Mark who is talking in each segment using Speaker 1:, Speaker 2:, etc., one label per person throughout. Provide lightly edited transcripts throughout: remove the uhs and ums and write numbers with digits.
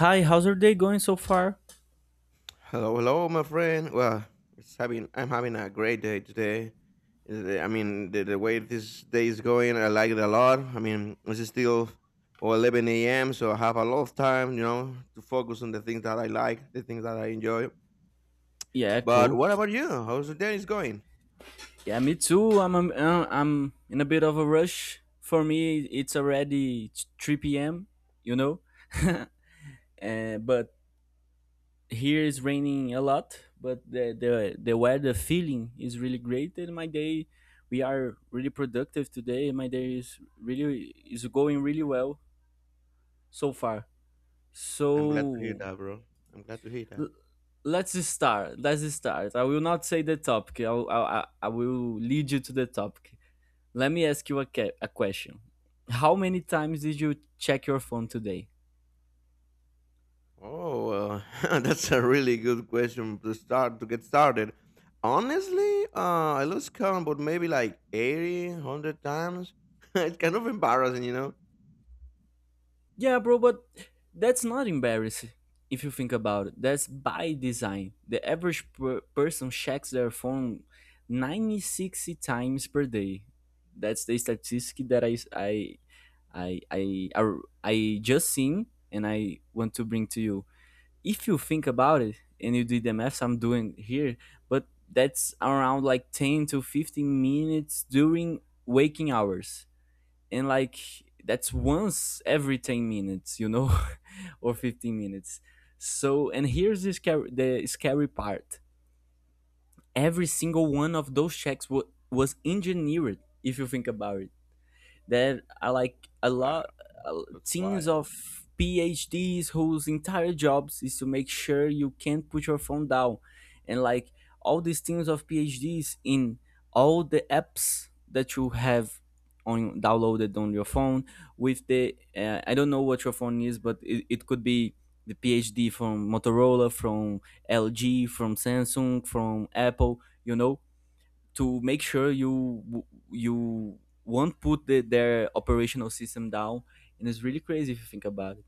Speaker 1: Hi, how's your day going so far?
Speaker 2: Hello, hello, my friend. Well, it's having I'm having a great day today. I mean, the way this day is going, I like it a lot. I mean, it's still oh, 11 a.m., so I have a lot of time, you know, to focus on the things that I like, the things that I enjoy.
Speaker 1: Yeah,
Speaker 2: But
Speaker 1: cool.
Speaker 2: what about you? How's the day is going?
Speaker 1: Yeah, me too. I'm in a bit of a rush. For me, it's already 3 p.m., you know. But here is raining a lot, but the weather feeling is really great and my day we are really productive today. My day is going really well so far.
Speaker 2: I'm glad to hear
Speaker 1: So
Speaker 2: that, bro. I'm glad to hear that.
Speaker 1: let's just start. Let's just start. I will not say the topic. I will lead you to the topic. Let me ask you a question. How many times did you check your phone today?
Speaker 2: Oh, that's a really good question to start to get started. Honestly, I lose count, but maybe like 80, 100 times. It's kind of embarrassing, you know?
Speaker 1: Yeah, bro, but that's not embarrassing if you think about it. That's by design. The average person checks their phone 96 times per day. That's the statistic that I I, I I just seen and I want to bring to you. If you think about it and you do the maths I'm doing here, but that's around like 10 to 15 minutes during waking hours. And like that's once every 10 minutes, you know, or 15 minutes. So, and here's the scary part. Every single one of those checks was engineered, if you think about it. There are like a lot
Speaker 2: Wow, that's
Speaker 1: teams
Speaker 2: wild.
Speaker 1: of PhDs whose entire jobs is to make sure you can't put your phone down, and like all these teams of PhDs in all the apps that you have on downloaded on your phone, with the I don't know what your phone is, but it could be the PhD from Motorola, from LG, from Samsung, from Apple, you know, to make sure you won't put their operational system down, and it's really crazy if you think about it.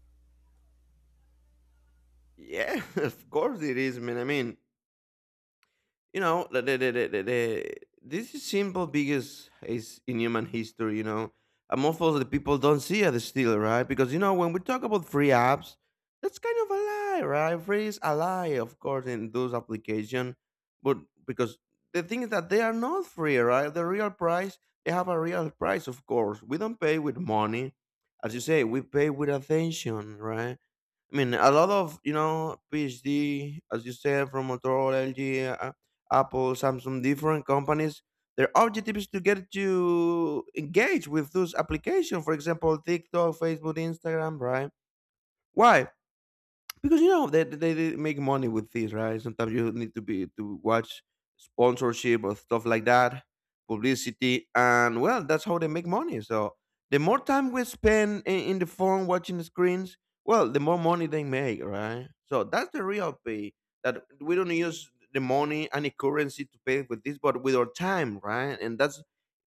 Speaker 2: Yeah, of course it is, man. I mean, you know the this is simple biggest is in human history, you know, and most of the people don't see it still, right? Because you know, when we talk about free apps, that's kind of a lie, right? Free is a lie, of course, in those applications. But because the thing is that they are not free, right? The real price, they have a real price, of course. We don't pay with money, as you say, we pay with attention, right? I mean, a lot of, you know, PhD, as you said, from Motorola, LG, Apple, Samsung, different companies. Their objective is to get you engaged with those applications. For example, TikTok, Facebook, Instagram, right? Why? Because you know they make money with this, right? Sometimes you need to watch sponsorship or stuff like that, publicity, and well, that's how they make money. So the more time we spend in the phone watching the screens, well, the more money they make, right? So that's the real pay that we don't use the money, any currency, to pay with this, but with our time, right? And that's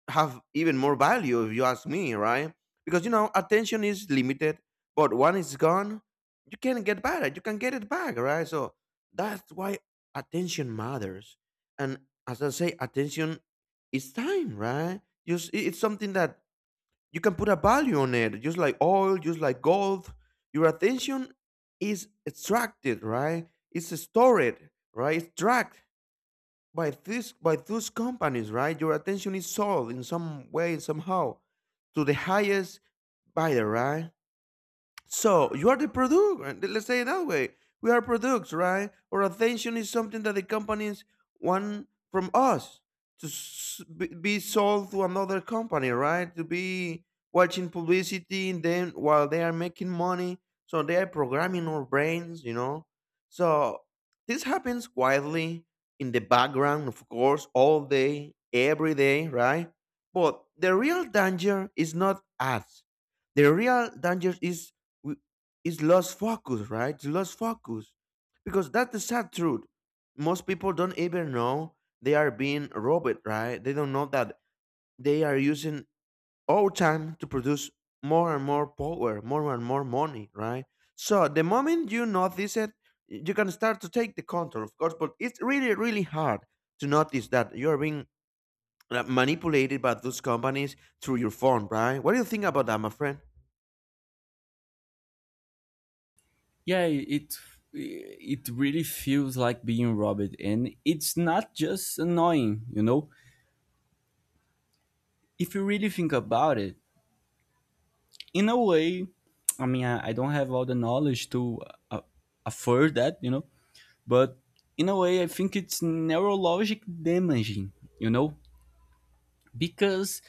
Speaker 2: have even more value if you ask me, right? Because you know, attention is limited, but when it's gone, you can get back. You can get it back, right? So that's why attention matters. And as I say, attention is time, right? It's something that you can put a value on it, just like oil, just like gold. Your attention is extracted, right? It's stored, right? It's tracked by those companies, right? Your attention is sold in some way, somehow, to the highest bidder, right? So you are the product. And Let's say it that way. We are products, right? Our attention is something that the companies want from us to be sold to another company, right? To be watching publicity and then while they are making money. So they are programming our brains, you know. So this happens quietly in the background, of course, all day, every day, right? But the real danger is not ads. The real danger is we it's lost focus, right? It's lost focus. Because that's the sad truth. Most people don't even know they are being robbed, right? They don't know that they are using all time to produce more and more power, more and more money, right? So the moment you notice it, you can start to take the control, of course, but it's really, really hard to notice that you're being manipulated by those companies through your phone, right? What do you think about that, my friend?
Speaker 1: Yeah, it really feels like being robbed, and it's not just annoying, you know. If you really think about it, in a way, I mean I don't have all the knowledge to uh, afford that, you know. But in a way I think it's neurologic damaging, you know, because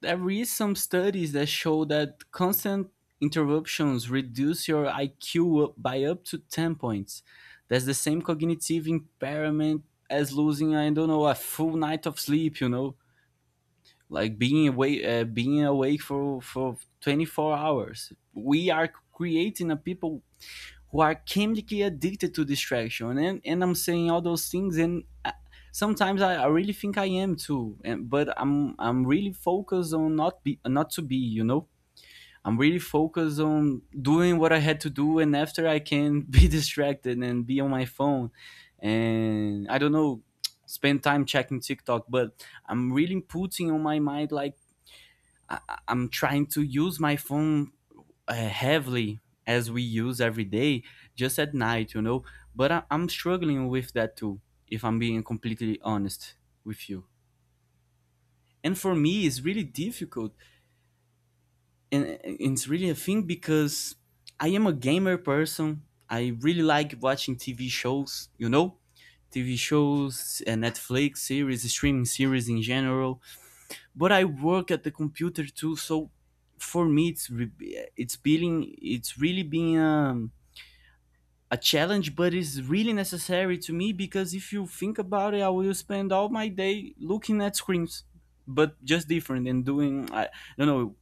Speaker 1: there is some studies that show that constant interruptions reduce your IQ up to 10 points. That's the same cognitive impairment as losing, I don't know, a full night of sleep, you know, like being awake for 24 hours. We are creating a people who are chemically addicted to distraction, and I'm saying all those things and sometimes I really think I am too, and but I'm really focused on not to be, you know, I'm really focused on doing what I had to do, and after, I can be distracted and be on my phone, and I don't know, spend time checking tiktok, but I'm really putting on my mind like, I'm trying to use my phone heavily, as we use every day, just at night, you know. But I'm struggling with that too, if I'm being completely honest with you. And for me, it's really difficult, and it's really a thing because I am a gamer person. I really like watching TV shows, you know, TV shows, Netflix series, streaming series in general. But I work at the computer too. So for me, it's re- it's being it's really being a challenge, but it's really necessary to me because if you think about it, I will spend all my day looking at screens, but just different and doing. I don't know,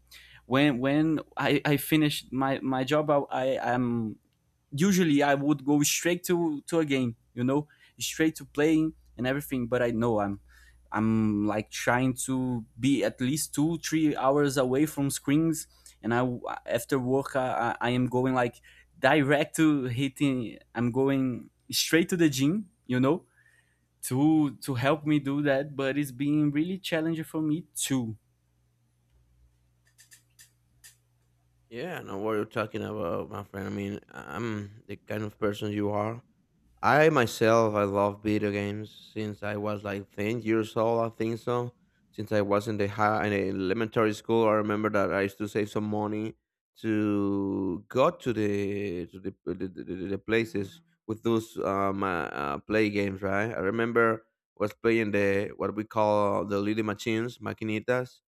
Speaker 1: when I finished my job, I am usually I would go straight to a game, you know, straight to playing and everything. But I know I'm like trying to be at least 2-3 hours away from screens, and I, after work, I am going like direct to hitting. I'm going straight to the gym, you know, to help me do that. But it's been really challenging for me too.
Speaker 2: Yeah, I know what you're talking about, my friend. I mean, I'm the kind of person you are. I myself, I love video games since I was like 10 years old, I think so. Since I was in the high in the elementary school, I remember that I used to save some money to go to the places with those play games, right? I remember was playing the what we call, the little machines, maquinitas.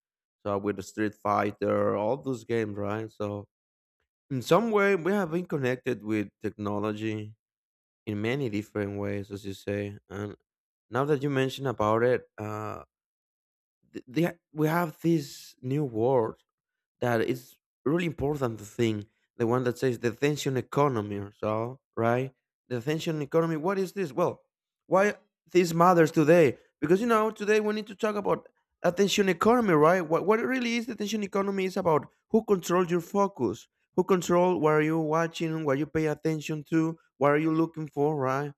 Speaker 2: So with the Street Fighter, all those games, right? So in some way we have been connected with technology in many different ways, as you say. And now that you mention about it, we have this new word that is really important. The thing, the one that says the attention economy, or so, right? The attention economy. What is this? Well, why this matters today? Because you know, today we need to talk about attention economy, right? What it really is the attention economy is about who controls your focus, who control what are you watching, what you pay attention to, what are you looking for, right?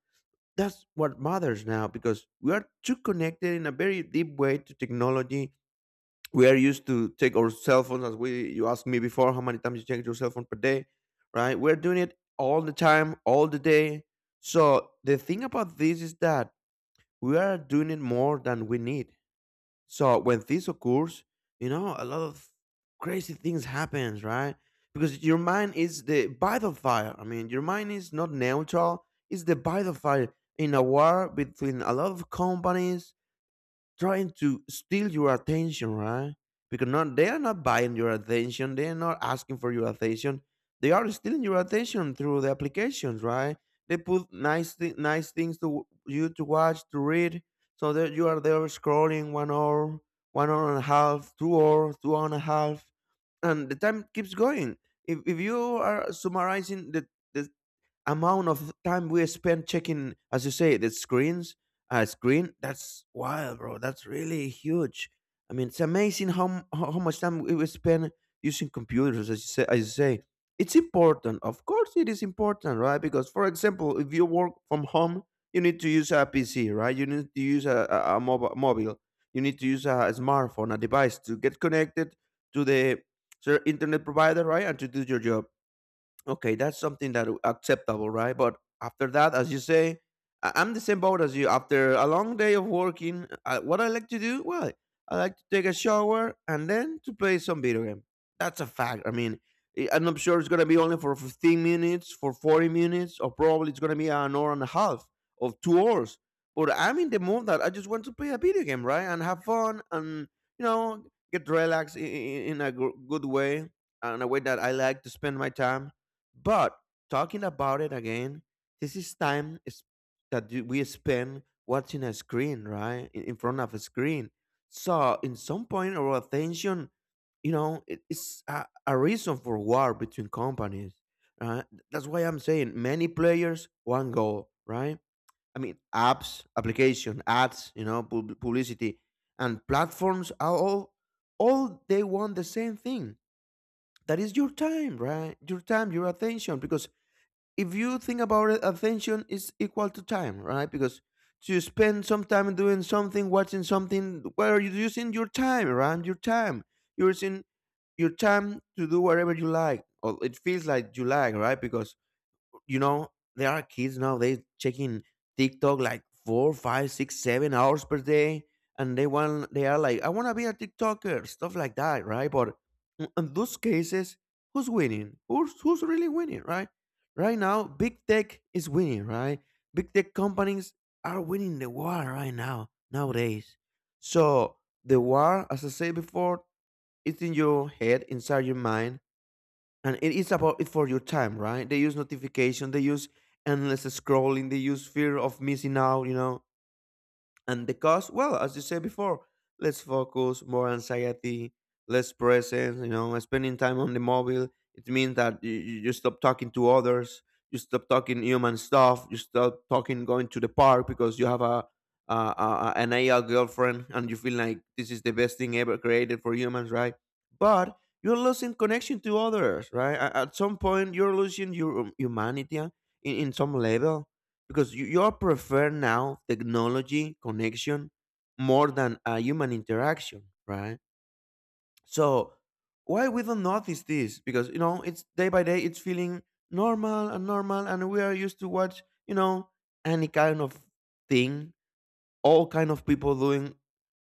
Speaker 2: That's what matters now because we are too connected in a very deep way to technology. We are used to take our cell phones as we you asked me before how many times you check your cell phone per day, right? We're doing it all the time, all the day. So the thing about this is that we are doing it more than we need. So when this occurs, you know, a lot of crazy things happens, right? Because your mind is the battle fire. I mean, your mind is not neutral. It's the battle fire in a war between a lot of companies, trying to steal your attention, right? Because not they are not buying your attention, they are not asking for your attention. They are stealing your attention through the applications, right? They put nice things to you to watch, to read, so that you are there scrolling 1 hour, 1 hour and a half, 2 hour, 2 hour and a half, and the time keeps going. If you are summarizing the amount of time we spend checking, as you say, the screens, screen, that's wild, bro. That's really huge. I mean, it's amazing how much time we spend using computers, as you say. As you say, it's important. Of course, it is important, right? Because, for example, if you work from home, you need to use a PC, right? You need to use a mobile, mobile. You need to use a smartphone, a device to get connected to the internet provider, right, and to do your job. Okay, that's something that acceptable, right? But after that, as you say, I'm the same boat as you. After a long day of working, I, what I like to do, well, I like to take a shower and then to play some video game. That's a fact. I mean, I'm not sure it's gonna be only for 15 minutes, for 40 minutes, or probably it's gonna be an hour and a half of 2 hours. But I'm in the mood that I just want to play a video game, right, and have fun, and you know, get relaxed in a good way, and a way that I like to spend my time, but talking about it again, this is time is that we spend watching a screen, right? In front of a screen. So, in some point, our attention, you know, it's a reason for war between companies. Right? That's why I'm saying many players, one goal, right? I mean, apps, application, ads, you know, publicity, and platforms are all they want the same thing. That is your time, right? Your time, your attention, because if you think about it, attention is equal to time, right? Because to spend some time doing something, watching something, where are you using your time, right? Your time. You're using your time to do whatever you like, or it feels like you like, right? Because you know there are kids nowadays checking TikTok like 4 5 6 7 hours per day, and they want, they are like, I want to be a TikToker, stuff like that, right? But in those cases, who's winning, who's really winning, right? Right now big tech is winning, right? Big tech companies are winning the war right now, nowadays. So the war, as I said before, it's in your head, inside your mind, and it is about it for your time, right? They use notification, they use endless scrolling, they use fear of missing out, you know. And the cause, well, as you said before, let's focus, more anxiety, less presence, you know, spending time on the mobile. It means that you, you stop talking to others, you stop talking human stuff, you stop talking going to the park because you have a, a an AI girlfriend and you feel like this is the best thing ever created for humans, right? But you're losing connection to others, right? At some point, you're losing your humanity in some level because you all prefer now technology connection more than a human interaction, right? So why we don't notice this? Because it's day by day, it's feeling normal and normal, and we are used to watch any kind of thing, all kind of people doing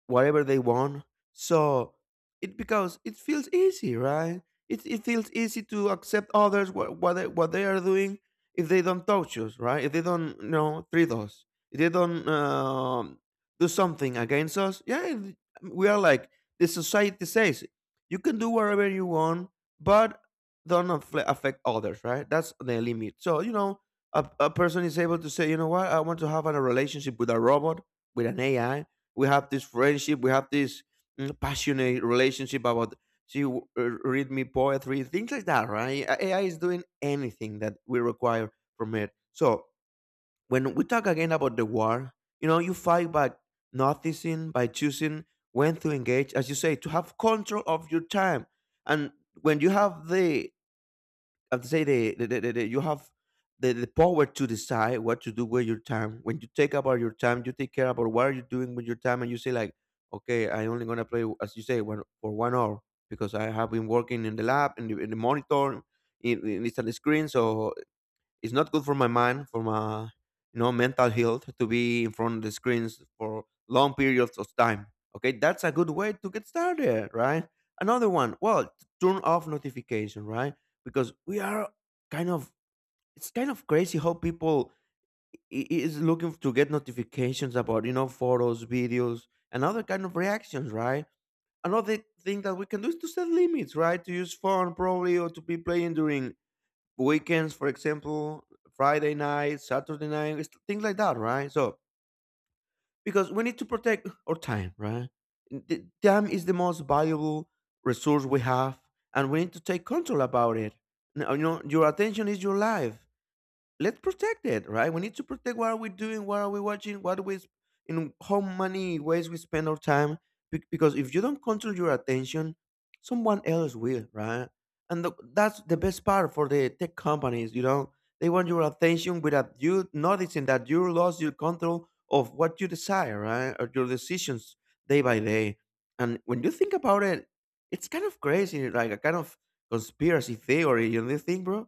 Speaker 2: whatever they want. So it because it feels easy, right? It feels easy to accept others what what they are doing if they don't touch us, right? If they don't treat us, if they don't do something against us. Yeah, it- we are like, the society says you can do whatever you want, but don't affect others, right? That's the limit. So a person is able to say, you know what, I want to have a relationship with a robot, with an AI. We have this friendship, we have this passionate relationship about she read me poetry, things like that, right? AI is doing anything that we require from it. So when we talk again about the war, you know, you fight by noticing, by choosing when to engage, as you say, to have control of your time. And when you have the have to say you have the power to decide what to do with your time. When you take about your time, you take care about what are you doing with your time, and you say like, okay, I only gonna play, as you say, one for 1 hour because I have been working in the lab, in the monitor, in it's on the screen, so it's not good for my mind, for my mental health to be in front of the screens for long periods of time. Okay, that's a good way to get started, right? Another one, well, turn off notification, right? Because we are kind of, it's kind of crazy how people is looking to get notifications about, you know, photos, videos, and other kind of reactions, right? Another thing that we can do is to set limits, right? To use phone probably, or to be playing during weekends, for example, Friday night, Saturday night, it's things like that, right? So because we need to protect our time, right? The time is the most valuable resource we have, and we need to take control about it. Now, you know, your attention is your life. Let's protect it, right? We need to protect what are we doing, what are we watching, what we in how many ways we spend our time. Because if you don't control your attention, someone else will, right? And that's the best part for the tech companies, you know. They want your attention without you noticing that you lost your control of what you desire, right? Or your decisions day by day. And when you think about it, it's kind of crazy, like a kind of conspiracy theory, you know, think, bro?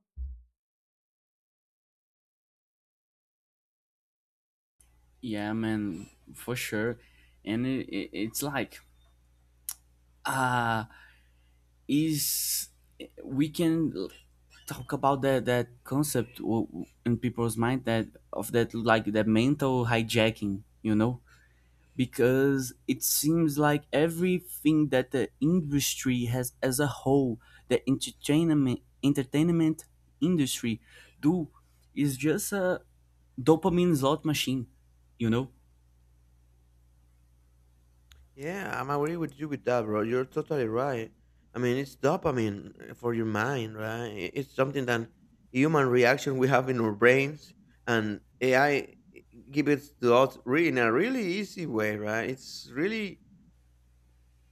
Speaker 1: Yeah, man, for sure. And it's like, ah is we can talk about that concept, in people's mind, that of that like that mental hijacking, you know, because it seems like everything that the industry has as a whole, the entertainment industry do, is just a dopamine slot machine, you know.
Speaker 2: Yeah, I'm agree with you with that, bro. You're totally right. I mean, it's dopamine for your mind, right? It's something that human reaction we have in our brains, and AI gives it to us really in a really easy way, right? It's really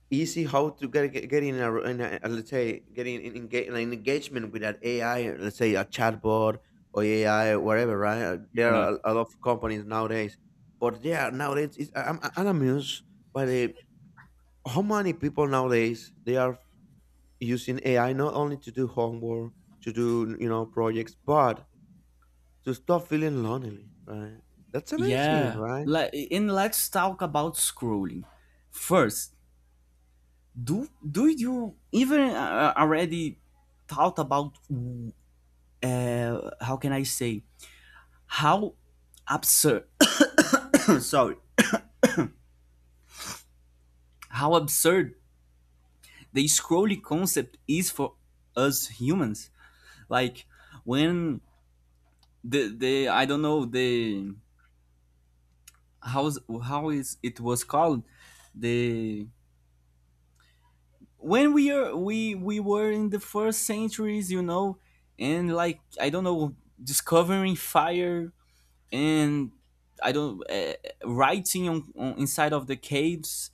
Speaker 2: easy how to get in a let's say getting in, engage, an engagement with that AI, let's say a chatbot or AI or whatever, right? There are a lot of companies nowadays, but yeah, nowadays it's, I'm amused by the how many people nowadays they are using AI not only to do homework, to do, you know, projects, but to stop feeling lonely, right? That's amazing,
Speaker 1: Yeah,
Speaker 2: right?
Speaker 1: like, and let's talk about scrolling first. Do you even already thought about, how can I say, how absurd sorry, how absurd the scrolling concept is for us humans. Like, when the I don't know, the, how's how is it was called, the, when we are we were in the first centuries, you know, and like, I don't know, discovering fire, and I don't writing on inside of the caves,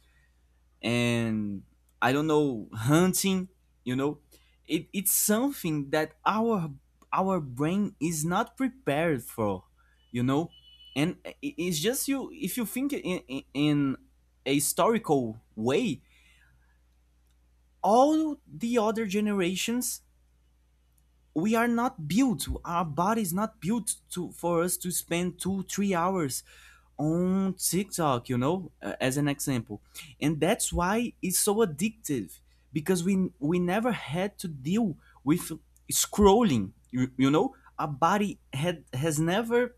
Speaker 1: and I don't know, hunting. You know, it's something that our brain is not prepared for. You know, and it's just you, if you think in a historical way, all the other generations, we are not built our body is not built to for us to spend 2-3 hours on tiktok, you know, as an example. And that's why it's so addictive, because we never had to deal with scrolling. You know, our body had has never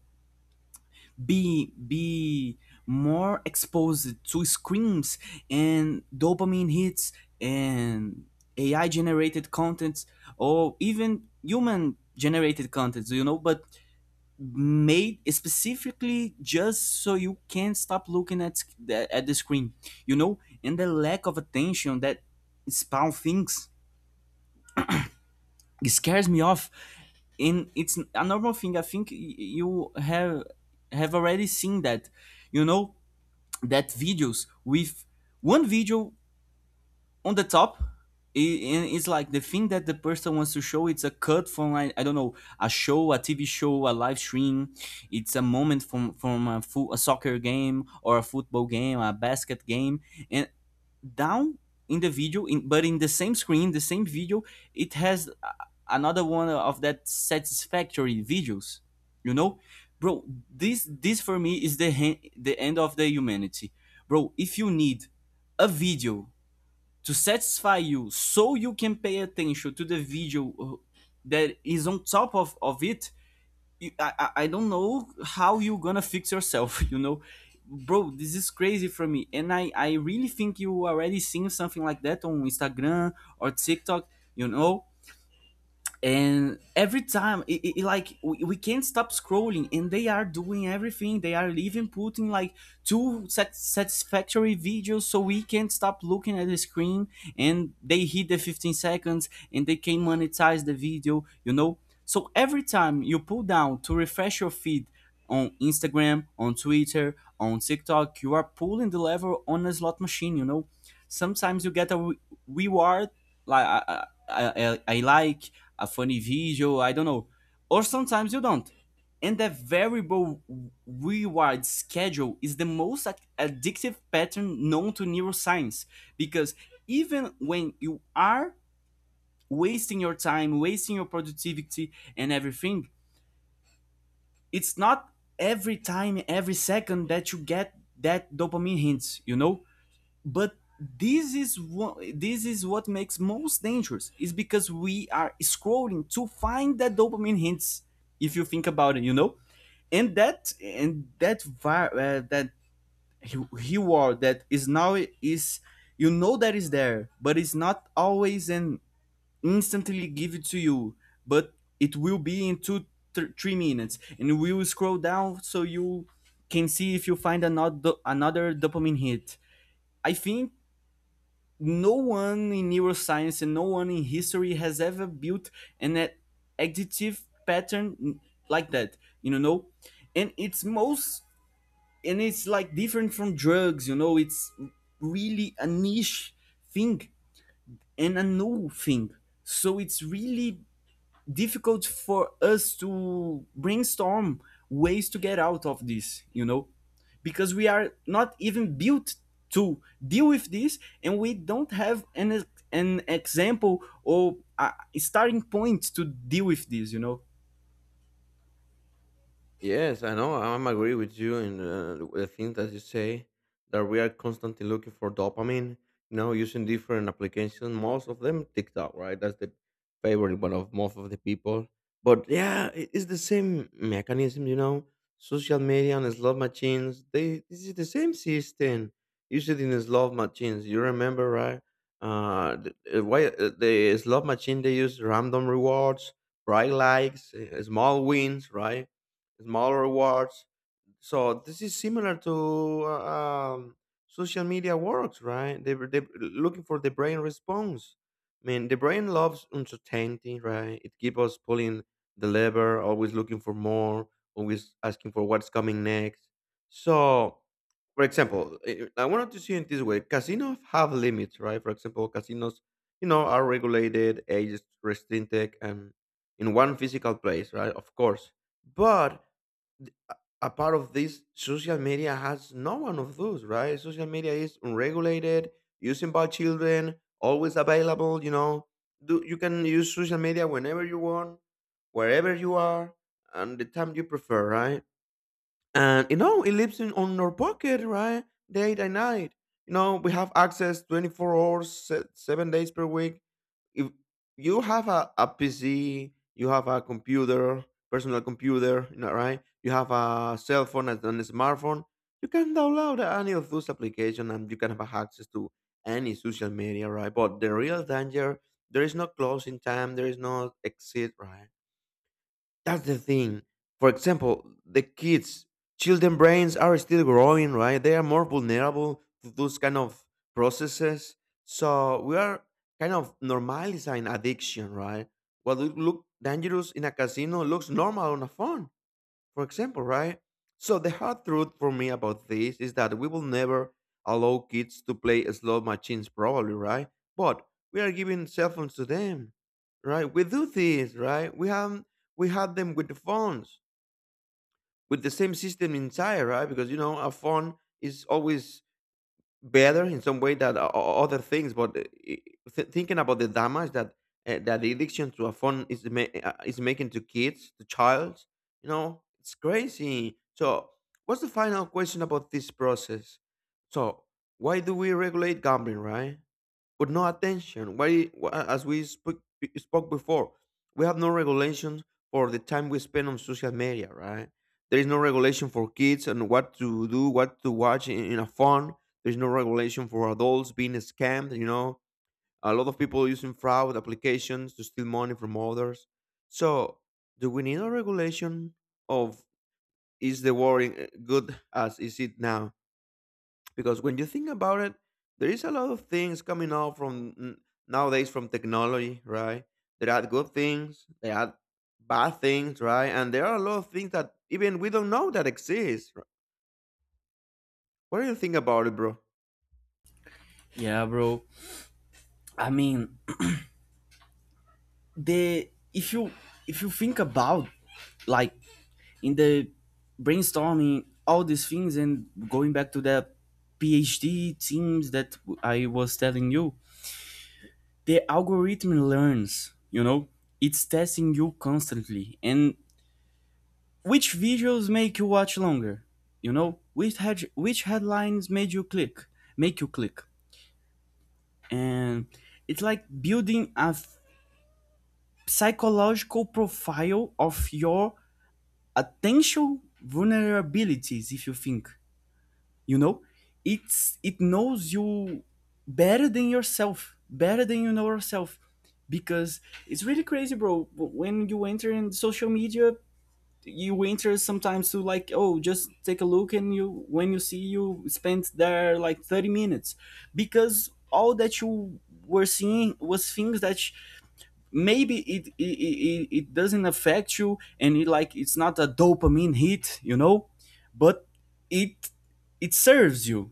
Speaker 1: be more exposed to screens and dopamine hits, and AI generated contents, or even human generated contents, you know, but made specifically just so you can't stop looking at at the screen, you know. And the lack of attention that spawn things, it scares me off. And it's a normal thing, I think you have already seen that, you know. That videos with one video on the top, and it's like the thing that the person wants to show, it's a cut from, I don't know, a TV show, a live stream. It's a moment from a soccer game or a football game, a basket game, and down in the video, but in the same screen, the same video, it has another one of that satisfactory videos. You know, bro, this for me is the end of the humanity, bro. If you need a video to satisfy you so you can pay attention to the video that is on top of it, I don't know how you gonna fix yourself you know, bro. This is crazy for me, and I really think you already seen something like that on Instagram or TikTok, you know. And every time, like, we can't stop scrolling, and they are doing everything. They are even putting like two satisfactory videos so we can't stop looking at the screen, and they hit the 15 seconds and they can monetize the video, you know. So every time you pull down to refresh your feed on Instagram, on Twitter, on TikTok, you are pulling the lever on a slot machine, you know. Sometimes you get a reward, like, I like a funny video, I don't know, or sometimes you don't. And the variable reward schedule is the most addictive pattern known to neuroscience, because even when you are wasting your time, wasting your productivity and everything, it's not every time, every second that you get that dopamine hits, you know. But this is what makes most dangerous is because we are scrolling to find that dopamine hints, if you think about it, you know. And that reward that is now is, you know, that is there, but it's not always and instantly give it to you, but it will be in 3 minutes, and we will scroll down so you can see if you find another dopamine hit. I think no one in neuroscience and no one in history has ever built an additive pattern like that, you know. No? And it's most and it's like different from drugs, you know. It's really a niche thing and a new thing, so it's really difficult for us to brainstorm ways to get out of this, you know, because we are not even built to deal with this, and we don't have an example or a starting point to deal with this, you know.
Speaker 2: Yes, I know. I'm agree with you in the thing that you say that we are constantly looking for dopamine. You know, using different applications, most of them TikTok, right? That's the favorite one of most of the people. But yeah, it- it's the same mechanism. You know, social media and slot machines, they this is the same system. Use it in the slot machines. You remember, right? Uh, the, uh, why the slot machine they use random rewards, bright likes, small wins, right? Smaller rewards. So this is similar to social media works, right? They were they looking for the brain response. I mean, the brain loves uncertainty, right? It keeps us pulling the lever, always looking for more, always asking for what's coming next. So, for example, I wanted to see it this way: casinos have limits, right? For example, casinos, you know, are regulated, age restricted, and in one physical place, right? Of course, but th- a part of this, social media has no one of those, right? Social media is unregulated, using by children, always available, you know. Do, you can use social media whenever you want, wherever you are, and the time you prefer, right? And you know, it lives in on our pocket, right? Day and night, you know, we have access 24 hours, 7 days per week. If you have a pc, you have a computer, personal computer, you know, right? You have a cell phone, and a smartphone, you can download any of those applications and you can have access to any social media, right? But the real danger, there is no closing time, there is no exit, right? That's the thing. For example, the kids, children brains are still growing, right? They are more vulnerable to those kind of processes. So we are kind of normalizing addiction, right? What would look dangerous in a casino looks normal on a phone, for example, right? So the hard truth for me about this is that we will never allow kids to play slot machines, probably, right? But we are giving cell phones to them, right? We do this, right? We have, we had them with the phones, with the same system inside, right? Because you know, a phone is always better in some way than other things. But i- thinking about the damage that that the addiction to a phone is is making to kids, to child, you know, it's crazy. So, what's the final question about this process? So, why do we regulate gambling, right? With no attention. Why, as we spoke, spoke before, we have no regulations for the time we spend on social media, right? There is no regulation for kids and what to do, what to watch in a phone. There's no regulation for adults being scammed. You know, a lot of people using fraud applications to steal money from others. So, do we need a regulation of, is the war good as is it now? Because when you think about it, there is a lot of things coming out from nowadays from technology, right? There are good things, there are bad things, right? And there are a lot of things that even we don't know that exist. What do you think about it, bro?
Speaker 1: Yeah, bro. I mean, the if you think about, like, in the brainstorming all these things, and going back to the PhD teams that I was telling you, the algorithm learns, you know? It's testing you constantly. And which visuals make you watch longer? You know, which headlines make you click? And it's like building psychological profile of your attention vulnerabilities. If you think you know it's it knows you better than yourself, better than you know yourself, because it's really crazy, bro. When you enter in social media, you enter sometimes to like, oh, just take a look, and you when you see, you spent there like 30 minutes, because all that you were seeing was things that maybe it doesn't affect you, and it, like, it's not a dopamine hit. But it it serves you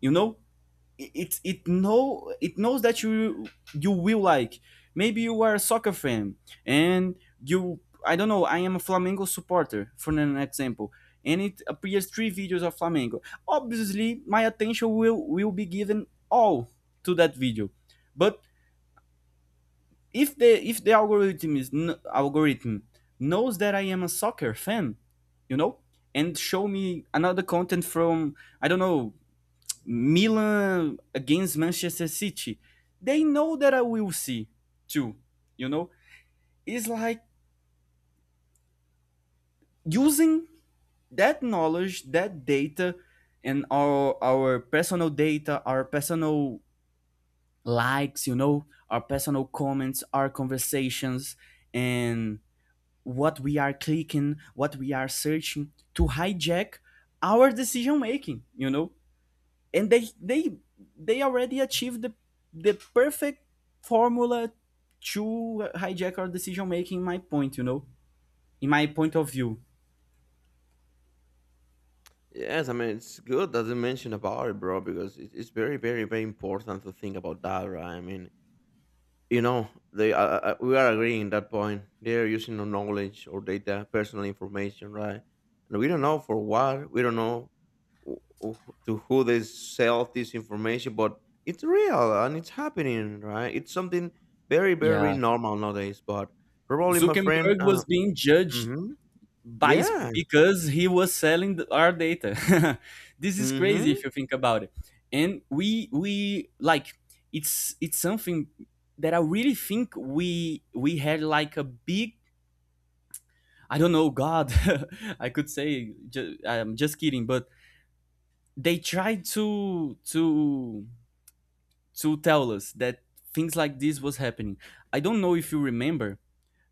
Speaker 1: you know it it, it know it knows that you will like, maybe you are a soccer fan, and you I don't know, I am a Flamengo supporter for an example, and it appears three videos of Flamengo. Obviously my attention will be given all to that video. But if the algorithm knows that I am a soccer fan, you know, and show me another content from, I don't know, Milan against Manchester City, they know that I will see too. You know, it's like using that knowledge, that data, and our personal data, our personal likes, you know, our personal comments, our conversations, and what we are clicking, what we are searching, to hijack our decision making. You know, and they they already achieved the perfect formula to hijack our decision making. My point, you know, in my point of view.
Speaker 2: Yes, I mean, it's good that you mentioned about it, bro, because it- it's very, very, very important to think about that, right? I mean, you know, they we are agreeing in that point. They are using our knowledge or data, personal information, right? And we don't know for what. We don't know wh- to who they sell this information, but it's real and it's happening, right? It's something very, very
Speaker 1: Yeah,
Speaker 2: normal nowadays. But probably, my friend.
Speaker 1: Zuckerberg was being judged
Speaker 2: Hmm.
Speaker 1: by,
Speaker 2: Yeah.
Speaker 1: because he was selling our data. This is crazy if
Speaker 2: Hmm.
Speaker 1: you think about it. And we like it's something that I really think we had like a big, I don't know, God. I could say I'm just kidding, but they tried to tell us that things like this was happening. I don't know if you remember,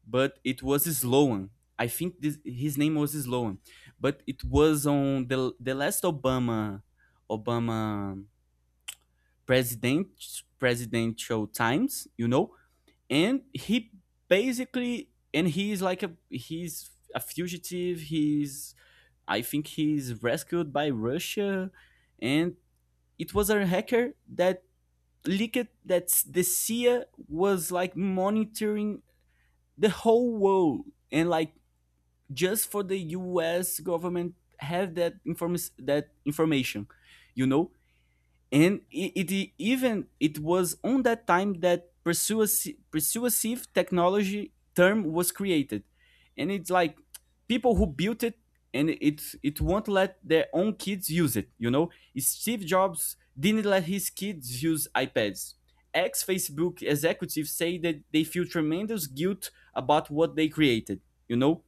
Speaker 1: but it was Sloan. I think this, his name was Sloan, but it was on the last Obama president presidential times, you know, and he basically, and he is like a, he's a fugitive. He's, I think he's rescued by Russia, and it was a hacker that leaked that the CIA was like monitoring the whole world, and like just for the US government have that inform that information, you know. And even it was on that time that persuasive technology term was created. And it's like, people who built it, and it it won't let their own kids use it, you know. Steve Jobs didn't let his kids use iPads. Ex Facebook executives say that they feel tremendous guilt about what they created, you know.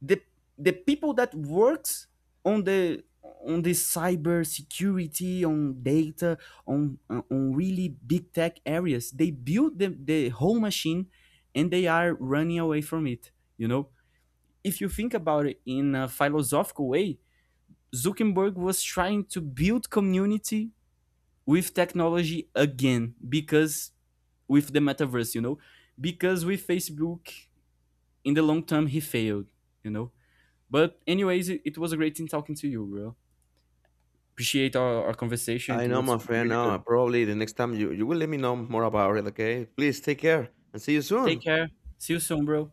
Speaker 1: The people that works on the cyber security, on data, on really big tech areas, they build the whole machine, and they are running away from it, you know. If you think about it in a philosophical way, Zuckerberg was trying to build community with technology again, because with the metaverse, you know, because with Facebook, in the long term, he failed, you know. But anyways, it was a great thing talking to you, bro. Appreciate our conversation.
Speaker 2: I
Speaker 1: It
Speaker 2: know,
Speaker 1: was
Speaker 2: my friend.
Speaker 1: really good.
Speaker 2: Probably the next time you, you will let me know more about it. Okay. Please take care and see you soon.
Speaker 1: Take care. See you soon, bro.